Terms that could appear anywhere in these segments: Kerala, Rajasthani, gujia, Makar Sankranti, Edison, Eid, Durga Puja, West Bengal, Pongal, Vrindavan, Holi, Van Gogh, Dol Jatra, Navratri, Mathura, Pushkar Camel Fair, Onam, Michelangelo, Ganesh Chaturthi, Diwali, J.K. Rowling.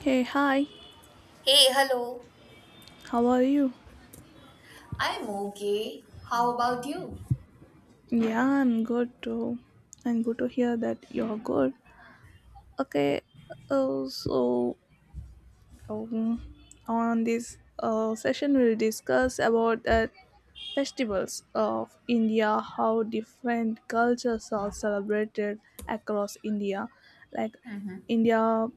Hey, hi, Hey, hello. how are you? I'm okay. How about you? Yeah, I'm good too. I'm good to hear that you're good. Okay, uh, so um, on this session, we'll discuss about the festivals of India, how different cultures are celebrated across India. Like India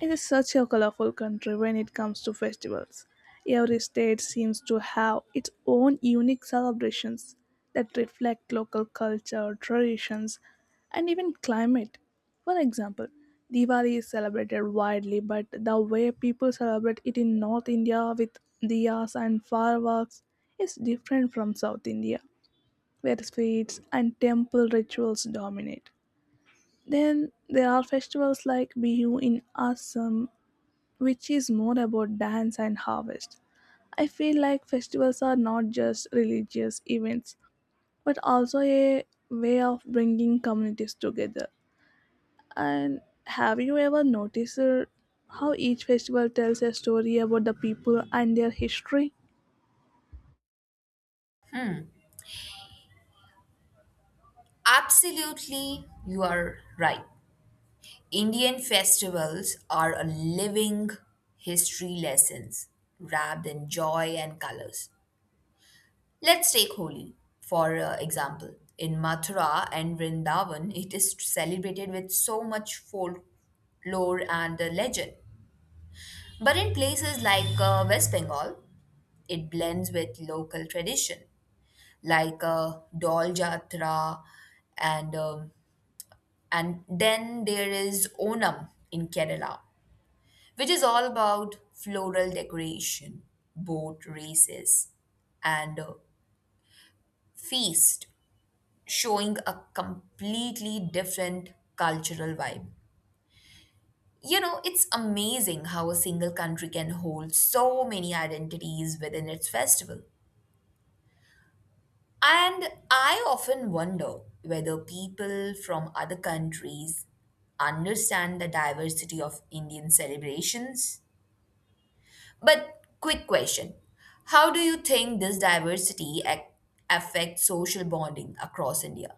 It is such a colorful country when it comes to festivals. Every state seems to have its own unique celebrations that reflect local culture, traditions, and even climate. For example, Diwali is celebrated widely, but the way people celebrate it in North India with diyas and fireworks is different from South India, where sweets and temple rituals dominate. Then there are festivals like Bihu in Assam which is more about dance and harvest. I feel like festivals are not just religious events, but also a way of bringing communities together. And have you ever noticed how each festival tells a story about the people and their history? Absolutely, you are right. Indian festivals are a living history lessons wrapped in joy and colors. Let's take Holi for example. In Mathura and Vrindavan, it is celebrated with so much folklore and legend. But in places like West Bengal, it blends with local tradition, like Dol Jatra, and um, and then there is Onam in Kerala, which is all about floral decoration, boat races, and feast, showing a completely different cultural vibe. You know, it's amazing how a single country can hold so many identities within its festival. And I often wonder whether people from other countries understand the diversity of Indian celebrations. But, quick question: how do you think this affects social bonding across India?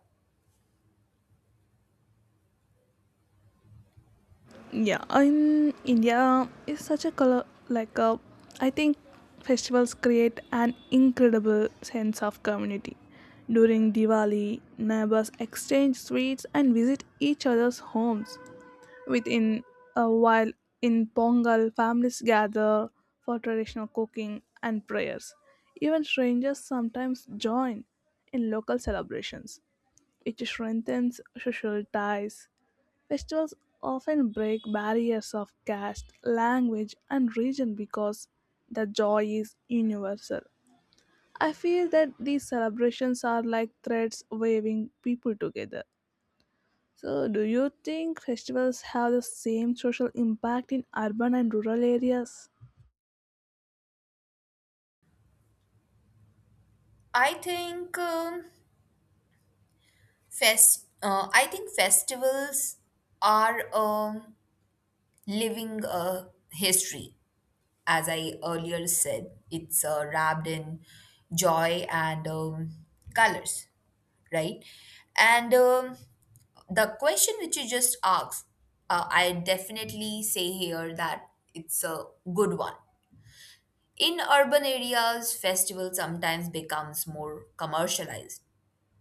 Yeah in india is such a color like a I think festivals create an incredible sense of community during diwali neighbors exchange sweets and visit each other's homes within a while in pongal families gather for traditional cooking and prayers even strangers sometimes join in local celebrations which strengthens social ties. Festivals often break barriers of caste, language, and region because the joy is universal. I feel that these celebrations are like threads waving people together. So, do you think festivals have the same social impact in urban and rural areas? I think um, I think festivals are living a history. As I earlier said, it's wrapped in joy and colors, right? And the question which you just asked, I definitely say here that it's a good one. In urban areas, festival sometimes becomes more commercialized,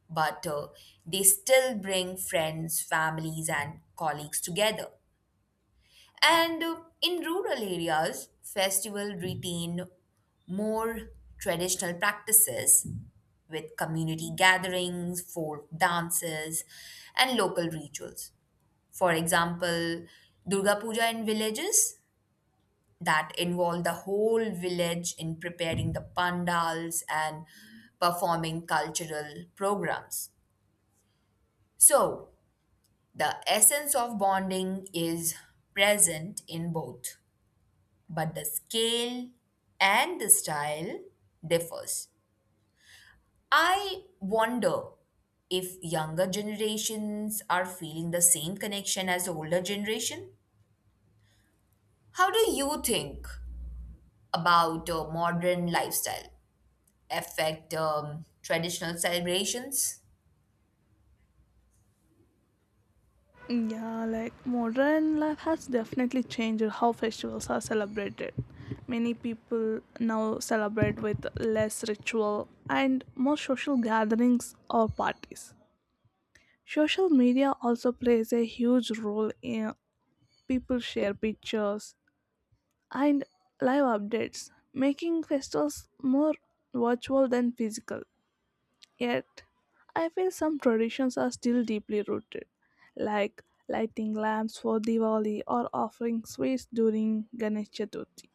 but they still bring friends, families, and colleagues together. And in rural areas, festivals retain more traditional practices with community gatherings, folk dances, and local rituals. For example, Durga Puja in villages, that involve the whole village in preparing the pandals and performing cultural programs. So, the essence of bonding is present in both, but the scale and the style differs. I wonder if younger generations are feeling the same connection as older generation. How do you think about modern lifestyle affect traditional celebrations? Yeah, like modern life has definitely changed how festivals are celebrated. Many people now celebrate with less ritual and more social gatherings or parties. Social media also plays a huge role in people share pictures and live updates, making festivals more virtual than physical. Yet, I feel some traditions are still deeply rooted, like lighting lamps for Diwali or offering sweets during Ganesh Chaturthi.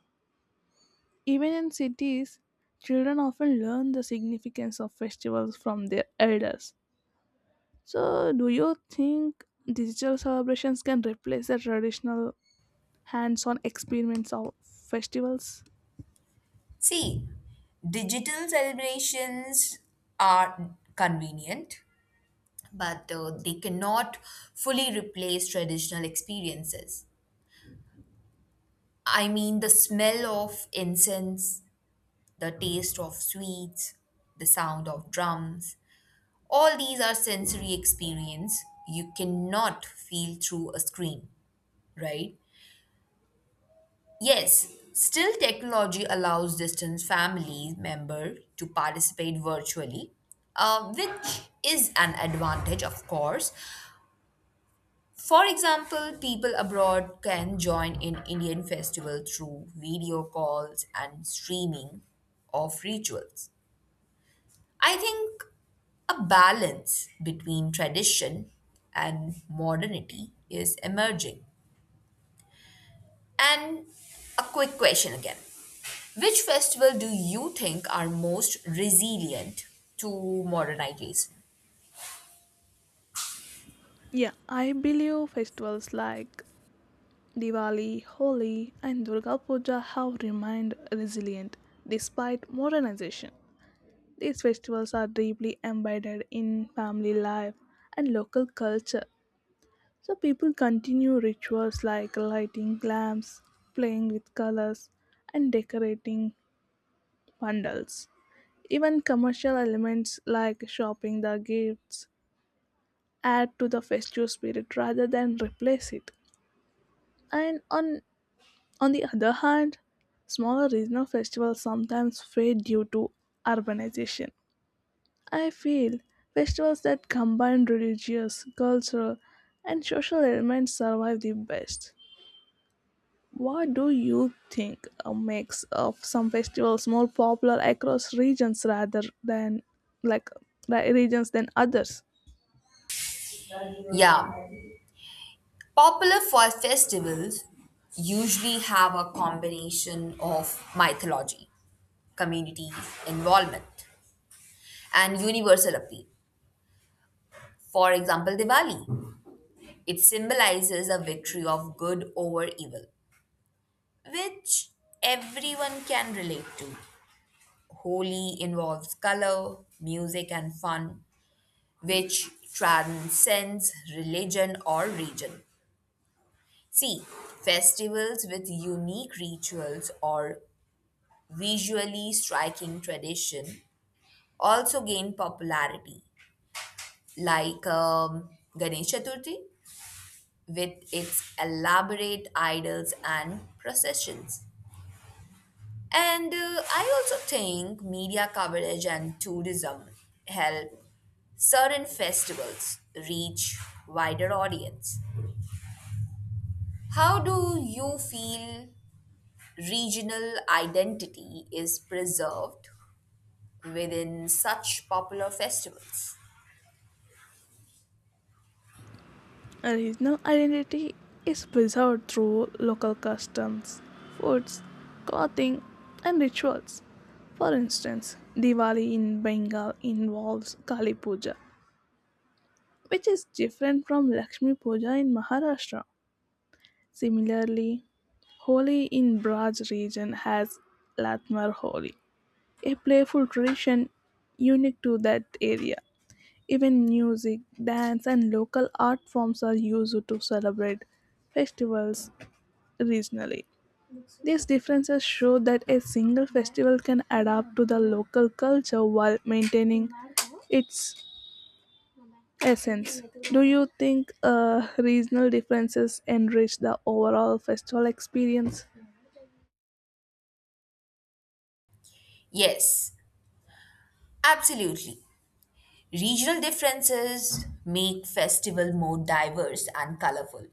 Even in cities, children often learn the significance of festivals from their elders. So, do you think digital celebrations can replace the traditional hands on experiments of festivals? See, digital celebrations are convenient, but they cannot fully replace traditional experiences. I mean, the smell of incense, the taste of sweets, the sound of drums, all these are sensory experience you cannot feel through a screen, right? Yes, still technology allows distant family member to participate virtually, which is an advantage, of course. For example, people abroad can join in Indian festival through video calls and streaming of rituals. I think a balance between tradition and modernity is emerging. And a quick question again: which festival do you think are most resilient to modernization? Yeah, I believe festivals like Diwali, Holi, and Durga Puja have remained resilient despite modernization. These festivals are deeply embedded in family life and local culture, so people continue rituals like lighting lamps, playing with colors, and decorating bundles. Even commercial elements like shopping the gifts add to the festive spirit rather than replace it. And on the other hand, smaller regional festivals sometimes fade due to urbanization. I feel festivals that combine religious, cultural, and social elements survive the best. What do you think makes of some festivals more popular across regions rather than like regions than others? Yeah, popular for festivals usually have a combination of mythology, community involvement, and universal appeal. For example, Diwali. It symbolizes a victory of good over evil, which everyone can relate to. Holi involves color, music, and fun, which transcends religion or region. See, festivals with unique rituals or visually striking tradition also gained popularity, like Ganesh Chaturthi with its elaborate idols and processions. And I also think media coverage and tourism help certain festivals reach wider audience. How do you feel regional identity is preserved within such popular festivals? A regional identity is preserved through local customs, foods, clothing, and rituals. For instance, Diwali in Bengal involves Kali Puja, which is different from Lakshmi Puja in Maharashtra. Similarly, Holi in Braj region has Latmar Holi, a playful tradition unique to that area. Even music, dance, and local art forms are used to celebrate festivals regionally. These differences show that a single festival can adapt to the local culture while maintaining its essence. Do you think regional differences enrich the overall festival experience? Yes, absolutely. Regional differences make festival more diverse and colorful.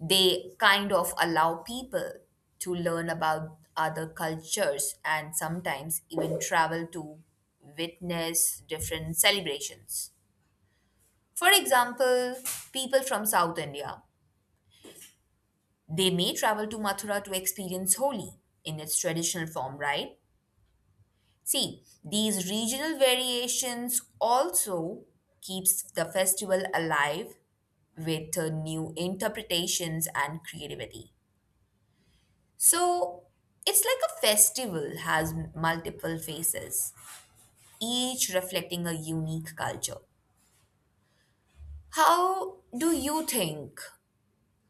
They kind of allow people to learn about other cultures and sometimes even travel to witness different celebrations. For example, people from South India, they may travel to Mathura to experience Holi in its traditional form, right? See, these regional variations also keeps the festival alive with new interpretations and creativity. So, it's like a festival has multiple faces, each reflecting a unique culture. How do you think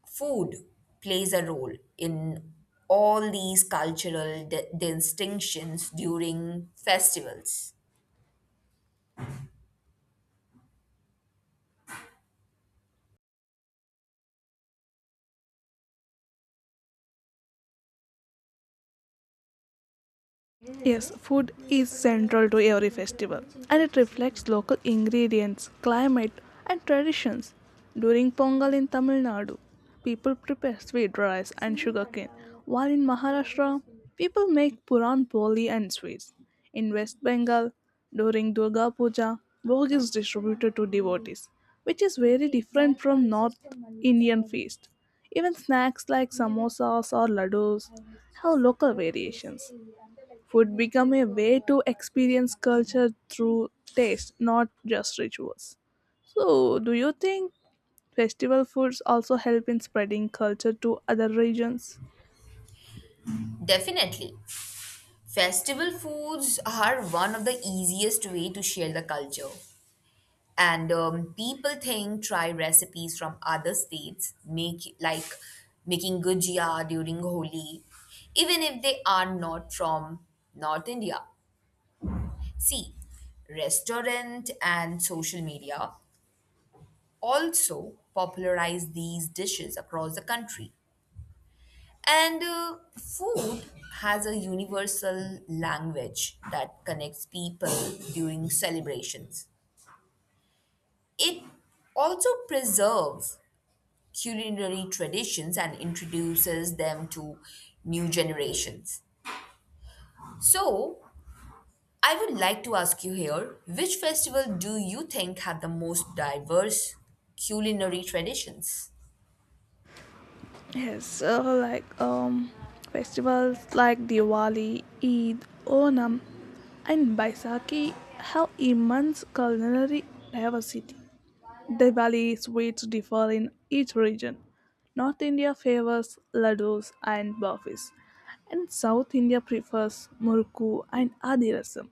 food plays a role in all these cultural distinctions during festivals? Yes, food is central to every festival and it reflects local ingredients, climate, and traditions. During Pongal in Tamil Nadu, people prepare sweet rice and sugarcane, while in Maharashtra, people make Puran poli and sweets. In West Bengal, during Durga Puja, bhog is distributed to devotees, which is very different from North Indian feast. Even snacks like samosas or ladoos have local variations. Food become a way to experience culture through taste, not just rituals. So, do you think festival foods also help in spreading culture to other regions? Definitely. Festival foods are one of the easiest way to share the culture. And people think try recipes from other states, make like making gujia during Holi, even if they are not from North India. See, restaurant and social media also popularize these dishes across the country. And food has a universal language that connects people during celebrations. It also preserves culinary traditions and introduces them to new generations. So, I would like to ask you here, which festival do you think have the most diverse culinary traditions? Yes, so festivals like Diwali, Eid, Onam, and Baisakhi have immense culinary diversity. Diwali sweets differ in each region. North India favors laddus and burfis, and South India prefers murku and adirasam.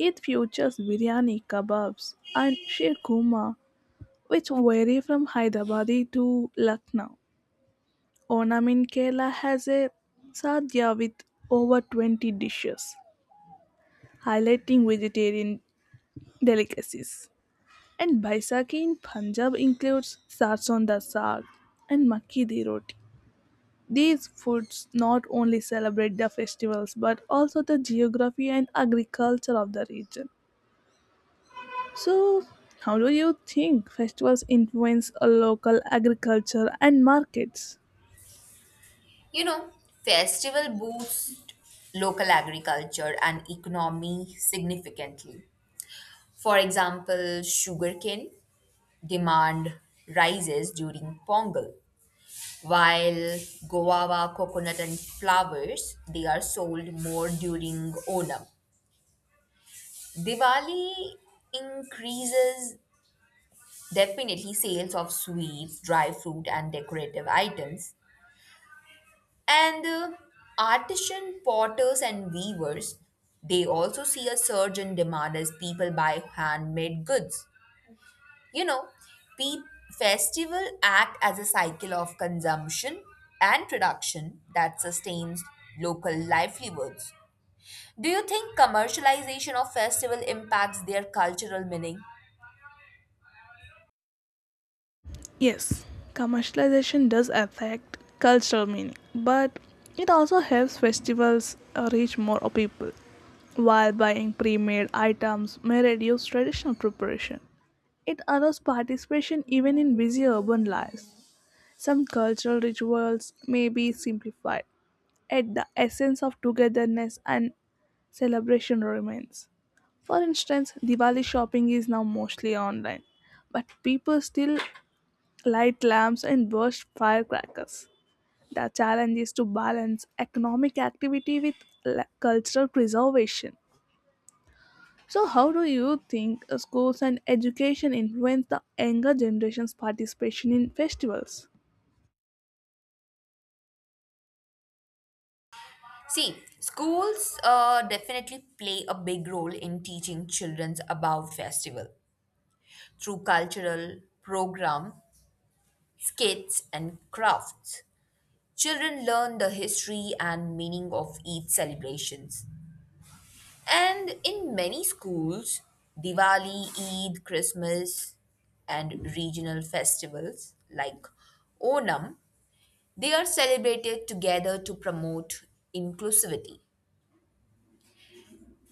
It features biryani, kebabs, and sheer kuma, which vary from Hyderabadi to Lucknow. Onam in Kerala has a sadhya with over 20 dishes, highlighting vegetarian delicacies. And Baisakhi in Punjab includes sarson da saag and makki di roti. These foods not only celebrate the festivals but also the geography and agriculture of the region. So, how do you think festivals influence a local agriculture and markets? You know, festival boosts local agriculture and economy significantly. For example, sugarcane demand rises during Pongal, while guava, coconut, and flowers, they are sold more during Onam. Diwali increases definitely sales of sweets, dry fruit, and decorative items. And artisan potters and weavers, they also see a surge in demand as people buy handmade goods. You know, pe- Festival act as a cycle of consumption and production that sustains local livelihoods. Do you think commercialization of festival impacts their cultural meaning? Yes, commercialization does affect cultural meaning, but it also helps festivals reach more people. While buying pre made items may reduce traditional preparation, it allows participation even in busy urban lives. Some cultural rituals may be simplified, yet the essence of togetherness and celebration remains. For instance, Diwali shopping is now mostly online, but people still light lamps and burst firecrackers. The challenge is to balance economic activity with cultural preservation. So, how do you think schools and education influence the younger generation's participation in festivals? See, schools definitely play a big role in teaching children about festival through cultural program, skits and crafts. Children learn the history and meaning of each celebrations. And in many schools, Diwali, Eid, Christmas, and regional festivals like Onam, they are celebrated together to promote inclusivity.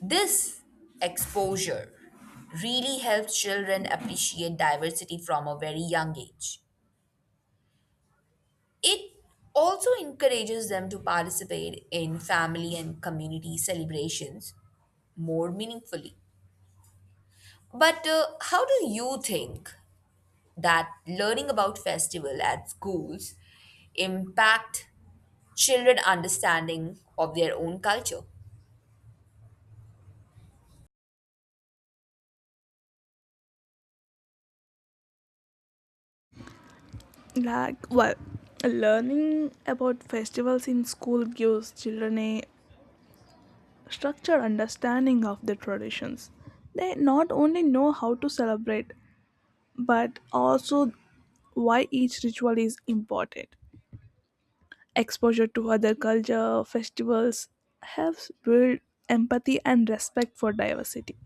This exposure really helps children appreciate diversity from a very young age. It also encourages them to participate in family and community celebrations more meaningfully. But how do you think that learning about festival at schools impact children understanding of their own culture? Well, learning about festivals in school gives children a structured understanding of the traditions. They not only know how to celebrate, but also why each ritual is important. Exposure to other culture festivals helps build empathy and respect for diversity.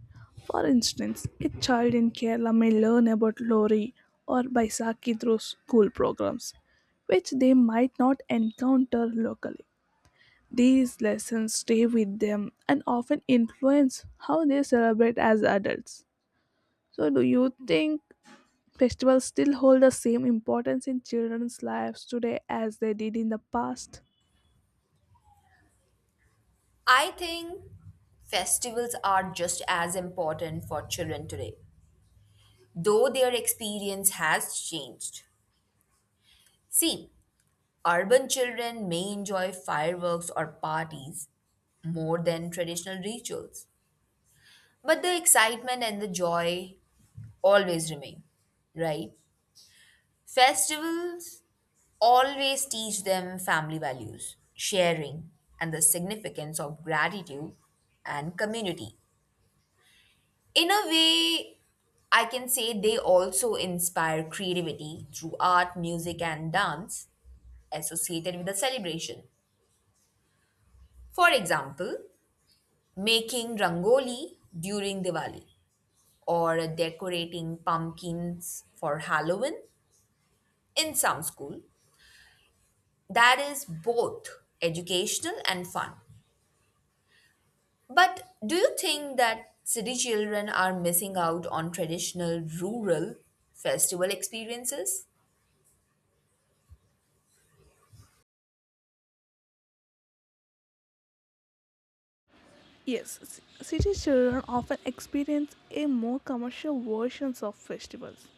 For instance, a child in Kerala may learn about Lori or Baisakhi through school programs, which they might not encounter locally. These lessons stay with them and often influence how they celebrate as adults. So, do you think festivals still hold the same importance in children's lives today as they did in the past? I think festivals are just as important for children today, though their experience has changed. See, urban children may enjoy fireworks or parties more than traditional rituals. But the excitement and the joy always remain, right? Festivals always teach them family values, sharing, and the significance of gratitude and community. In a way, I can say they also inspire creativity through art, music, and dance associated with the celebration. For example, making rangoli during Diwali or decorating pumpkins for Halloween in some school. That is both educational and fun. But do you think that city children are missing out on traditional rural festival experiences? Yes, city children often experience a more commercial versions of festivals,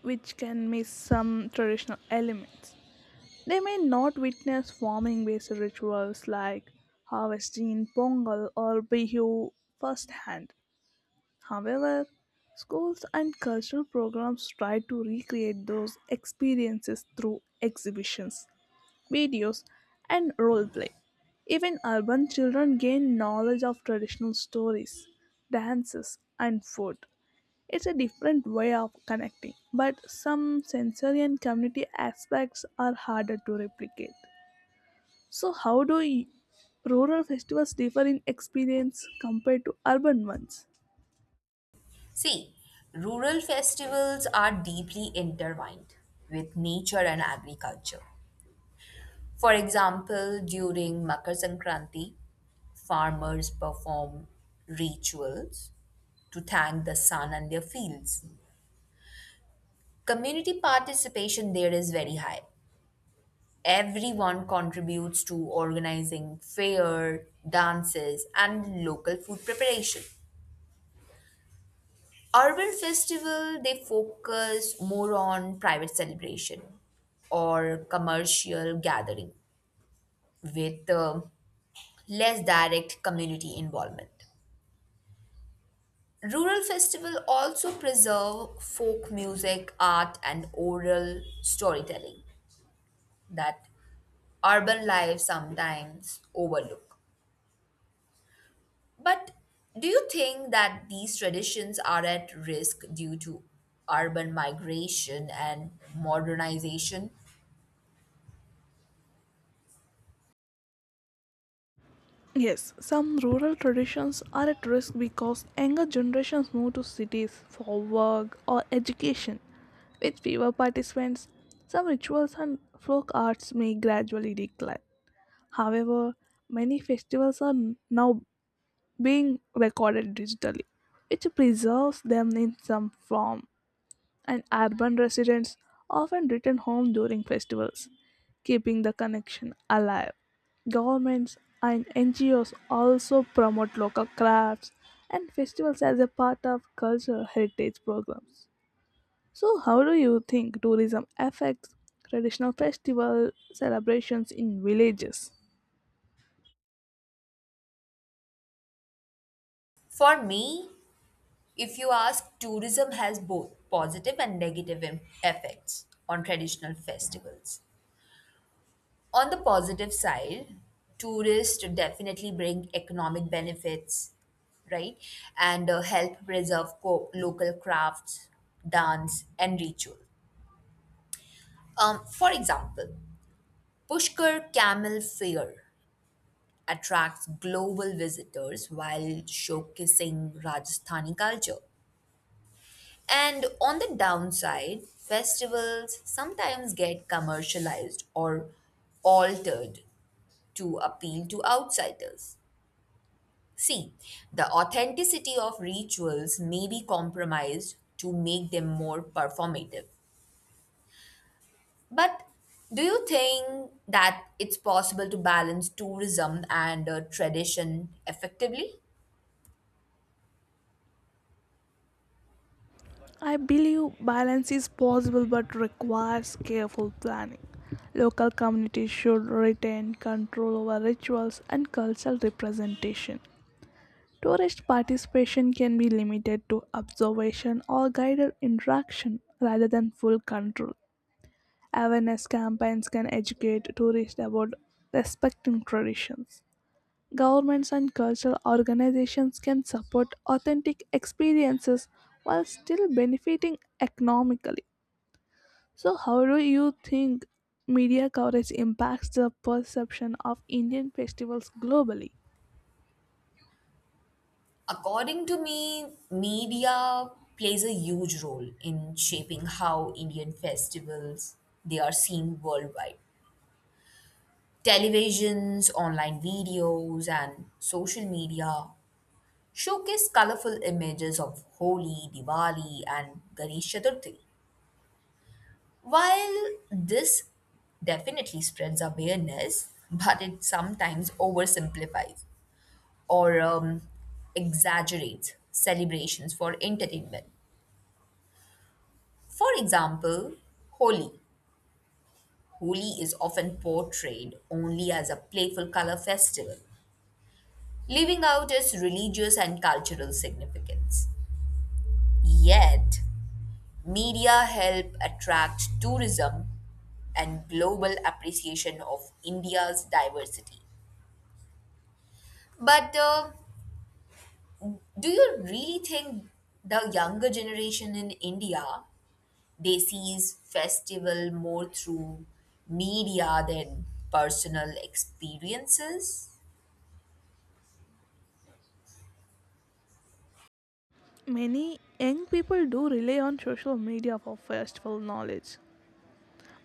which can miss some traditional elements. They may not witness farming-based rituals like harvesting in Pongal or Bihu firsthand. However, schools and cultural programs try to recreate those experiences through exhibitions, videos, and role play. Even urban children gain knowledge of traditional stories, dances, and food. It's a different way of connecting, but some sensory and community aspects are harder to replicate. So, rural festivals differ in experience compared to urban ones? See, rural festivals are deeply intertwined with nature and agriculture. For example, during Makar Sankranti, farmers perform rituals to thank the sun and their fields. Community participation there is very high. Everyone contributes to organizing fair, dances, and local food preparation. Urban festival they focus more on private celebration or commercial gathering with less direct community involvement. Rural festival also preserve folk music, art, and oral storytelling that urban life sometimes overlook. But do you think that these traditions are at risk due to urban migration and modernization? Yes, some rural traditions are at risk because younger generations move to cities for work or education. With fewer participants, some rituals and folk arts may gradually decline. However, many festivals are now being recorded digitally, which preserves them in some form, and urban residents often return home during festivals, keeping the connection alive. Governments and NGOs also promote local crafts and festivals as a part of cultural heritage programs. So, how do you think tourism affects traditional festival celebrations in villages? For me, if you ask, tourism has both positive and negative effects on traditional festivals. On the positive side, tourists definitely bring economic benefits, right? And help preserve local crafts, dance, and ritual. For example, Pushkar Camel Fair attracts global visitors while showcasing Rajasthani culture. And on the downside, festivals sometimes get commercialized or altered to appeal to outsiders. See, the authenticity of rituals may be compromised to make them more performative. But do you think that it's possible to balance tourism and tradition effectively? I believe balance is possible but requires careful planning. Local communities should retain control over rituals and cultural representation. Tourist participation can be limited to observation or guided interaction rather than full control. Awareness campaigns can educate tourists about respecting traditions. Governments and cultural organizations can support authentic experiences while still benefiting economically. So, how do you think media coverage impacts the perception of Indian festivals globally? According to me, media plays a huge role in shaping how Indian festivals they are seen worldwide. Televisions, online videos and social media showcase colorful images of Holi, Diwali and Ganesh Chaturthi. While this definitely spreads awareness, but it sometimes oversimplifies or exaggerates celebrations for entertainment. For example, Holi. Holi is often portrayed only as a playful color festival, leaving out its religious and cultural significance. Yet, media help attract tourism and global appreciation of India's diversity. But do you really think the younger generation in India they sees festival more through media than personal experiences? Many young people do rely on social media for festival knowledge,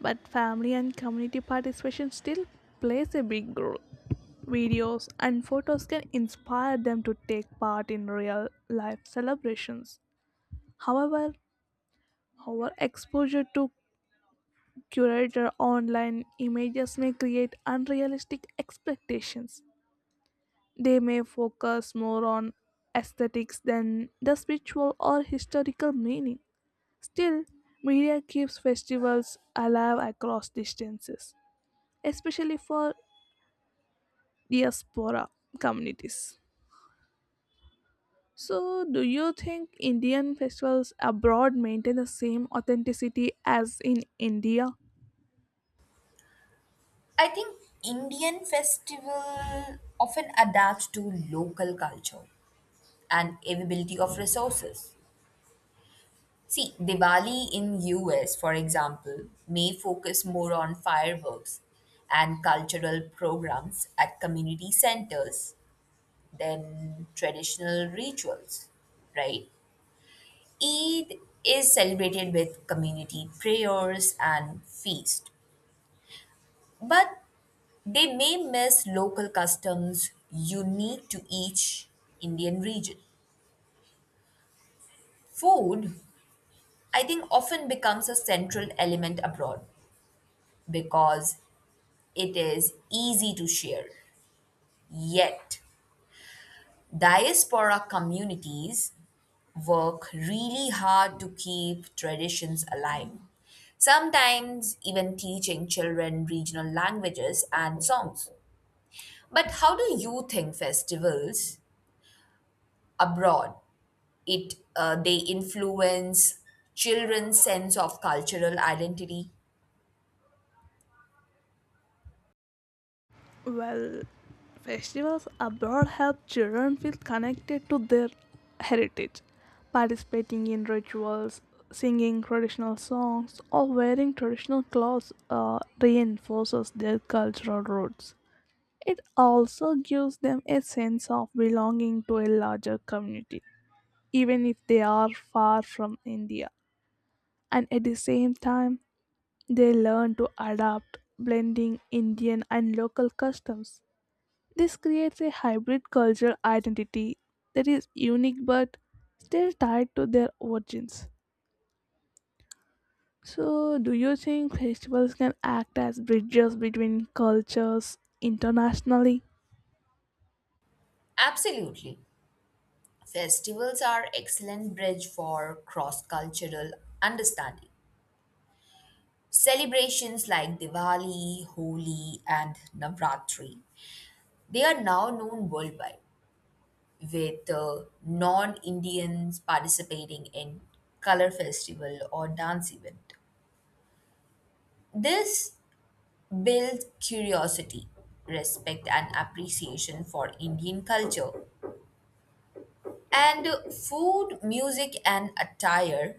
but family and community participation still plays a big role. Videos and photos can inspire them to take part in real life celebrations. However, our exposure to curated online images may create unrealistic expectations. They may focus more on aesthetics than the spiritual or historical meaning. Still, media keeps festivals alive across distances, especially for diaspora communities. So, do you think Indian festivals abroad maintain the same authenticity as in India? I think Indian festival often adapts to local culture and availability of resources. See, Diwali in US, for example, may focus more on fireworks and cultural programs at community centers than traditional rituals, right? Eid is celebrated with community prayers and feast, but they may miss local customs unique to each Indian region. Food, I think, often becomes a central element abroad because it is easy to share. Yet, diaspora communities work really hard to keep traditions alive, sometimes even teaching children regional languages and songs. But how do you think festivals abroad it they influence children's sense of cultural identity? Well, festivals abroad help children feel connected to their heritage. Participating in rituals, singing traditional songs, or wearing traditional clothes reinforces their cultural roots. It also gives them a sense of belonging to a larger community, even if they are far from India. And at the same time, they learn to adapt, blending Indian and local customs. This creates a hybrid cultural identity that is unique but still tied to their origins. So, do you think festivals can act as bridges between cultures internationally? Absolutely. Festivals are excellent bridge for cross-cultural understanding. Celebrations like Diwali, Holi, and Navratri, they are now known worldwide, with non Indians participating in color festival or dance event. This builds curiosity, respect, and appreciation for Indian culture. And food, music, and attire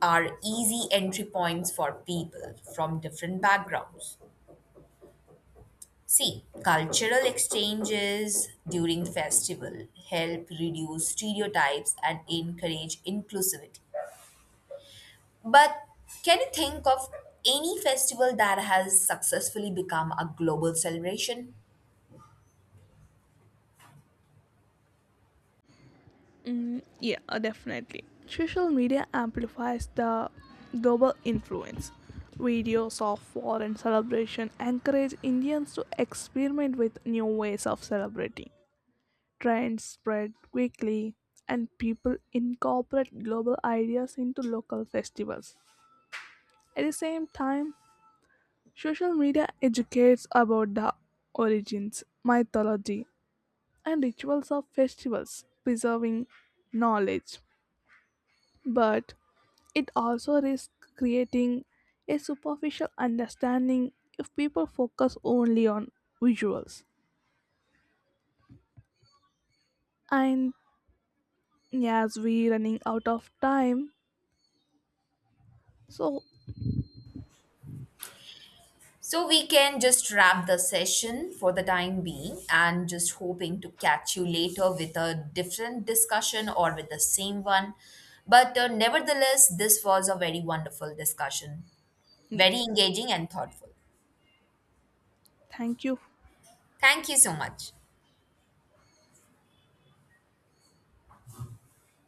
are easy entry points for people from different backgrounds. See, cultural exchanges during festival help reduce stereotypes and encourage inclusivity. But can you think of any festival that has successfully become a global celebration? Yeah, definitely. Social media amplifies the global influence. Videos of foreign celebration encourage Indians to experiment with new ways of celebrating. Trends spread quickly, and people incorporate global ideas into local festivals. At the same time, social media educates about the origins, mythology, and rituals of festivals, preserving knowledge. But it also risks creating a superficial understanding if people focus only on visuals. And as we running out of time, so So we can just wrap the session for the time being and just hoping to catch you later with a different discussion or with the same one. But nevertheless, this was a very wonderful discussion, very yes, engaging and thoughtful. thank you Thank you so much.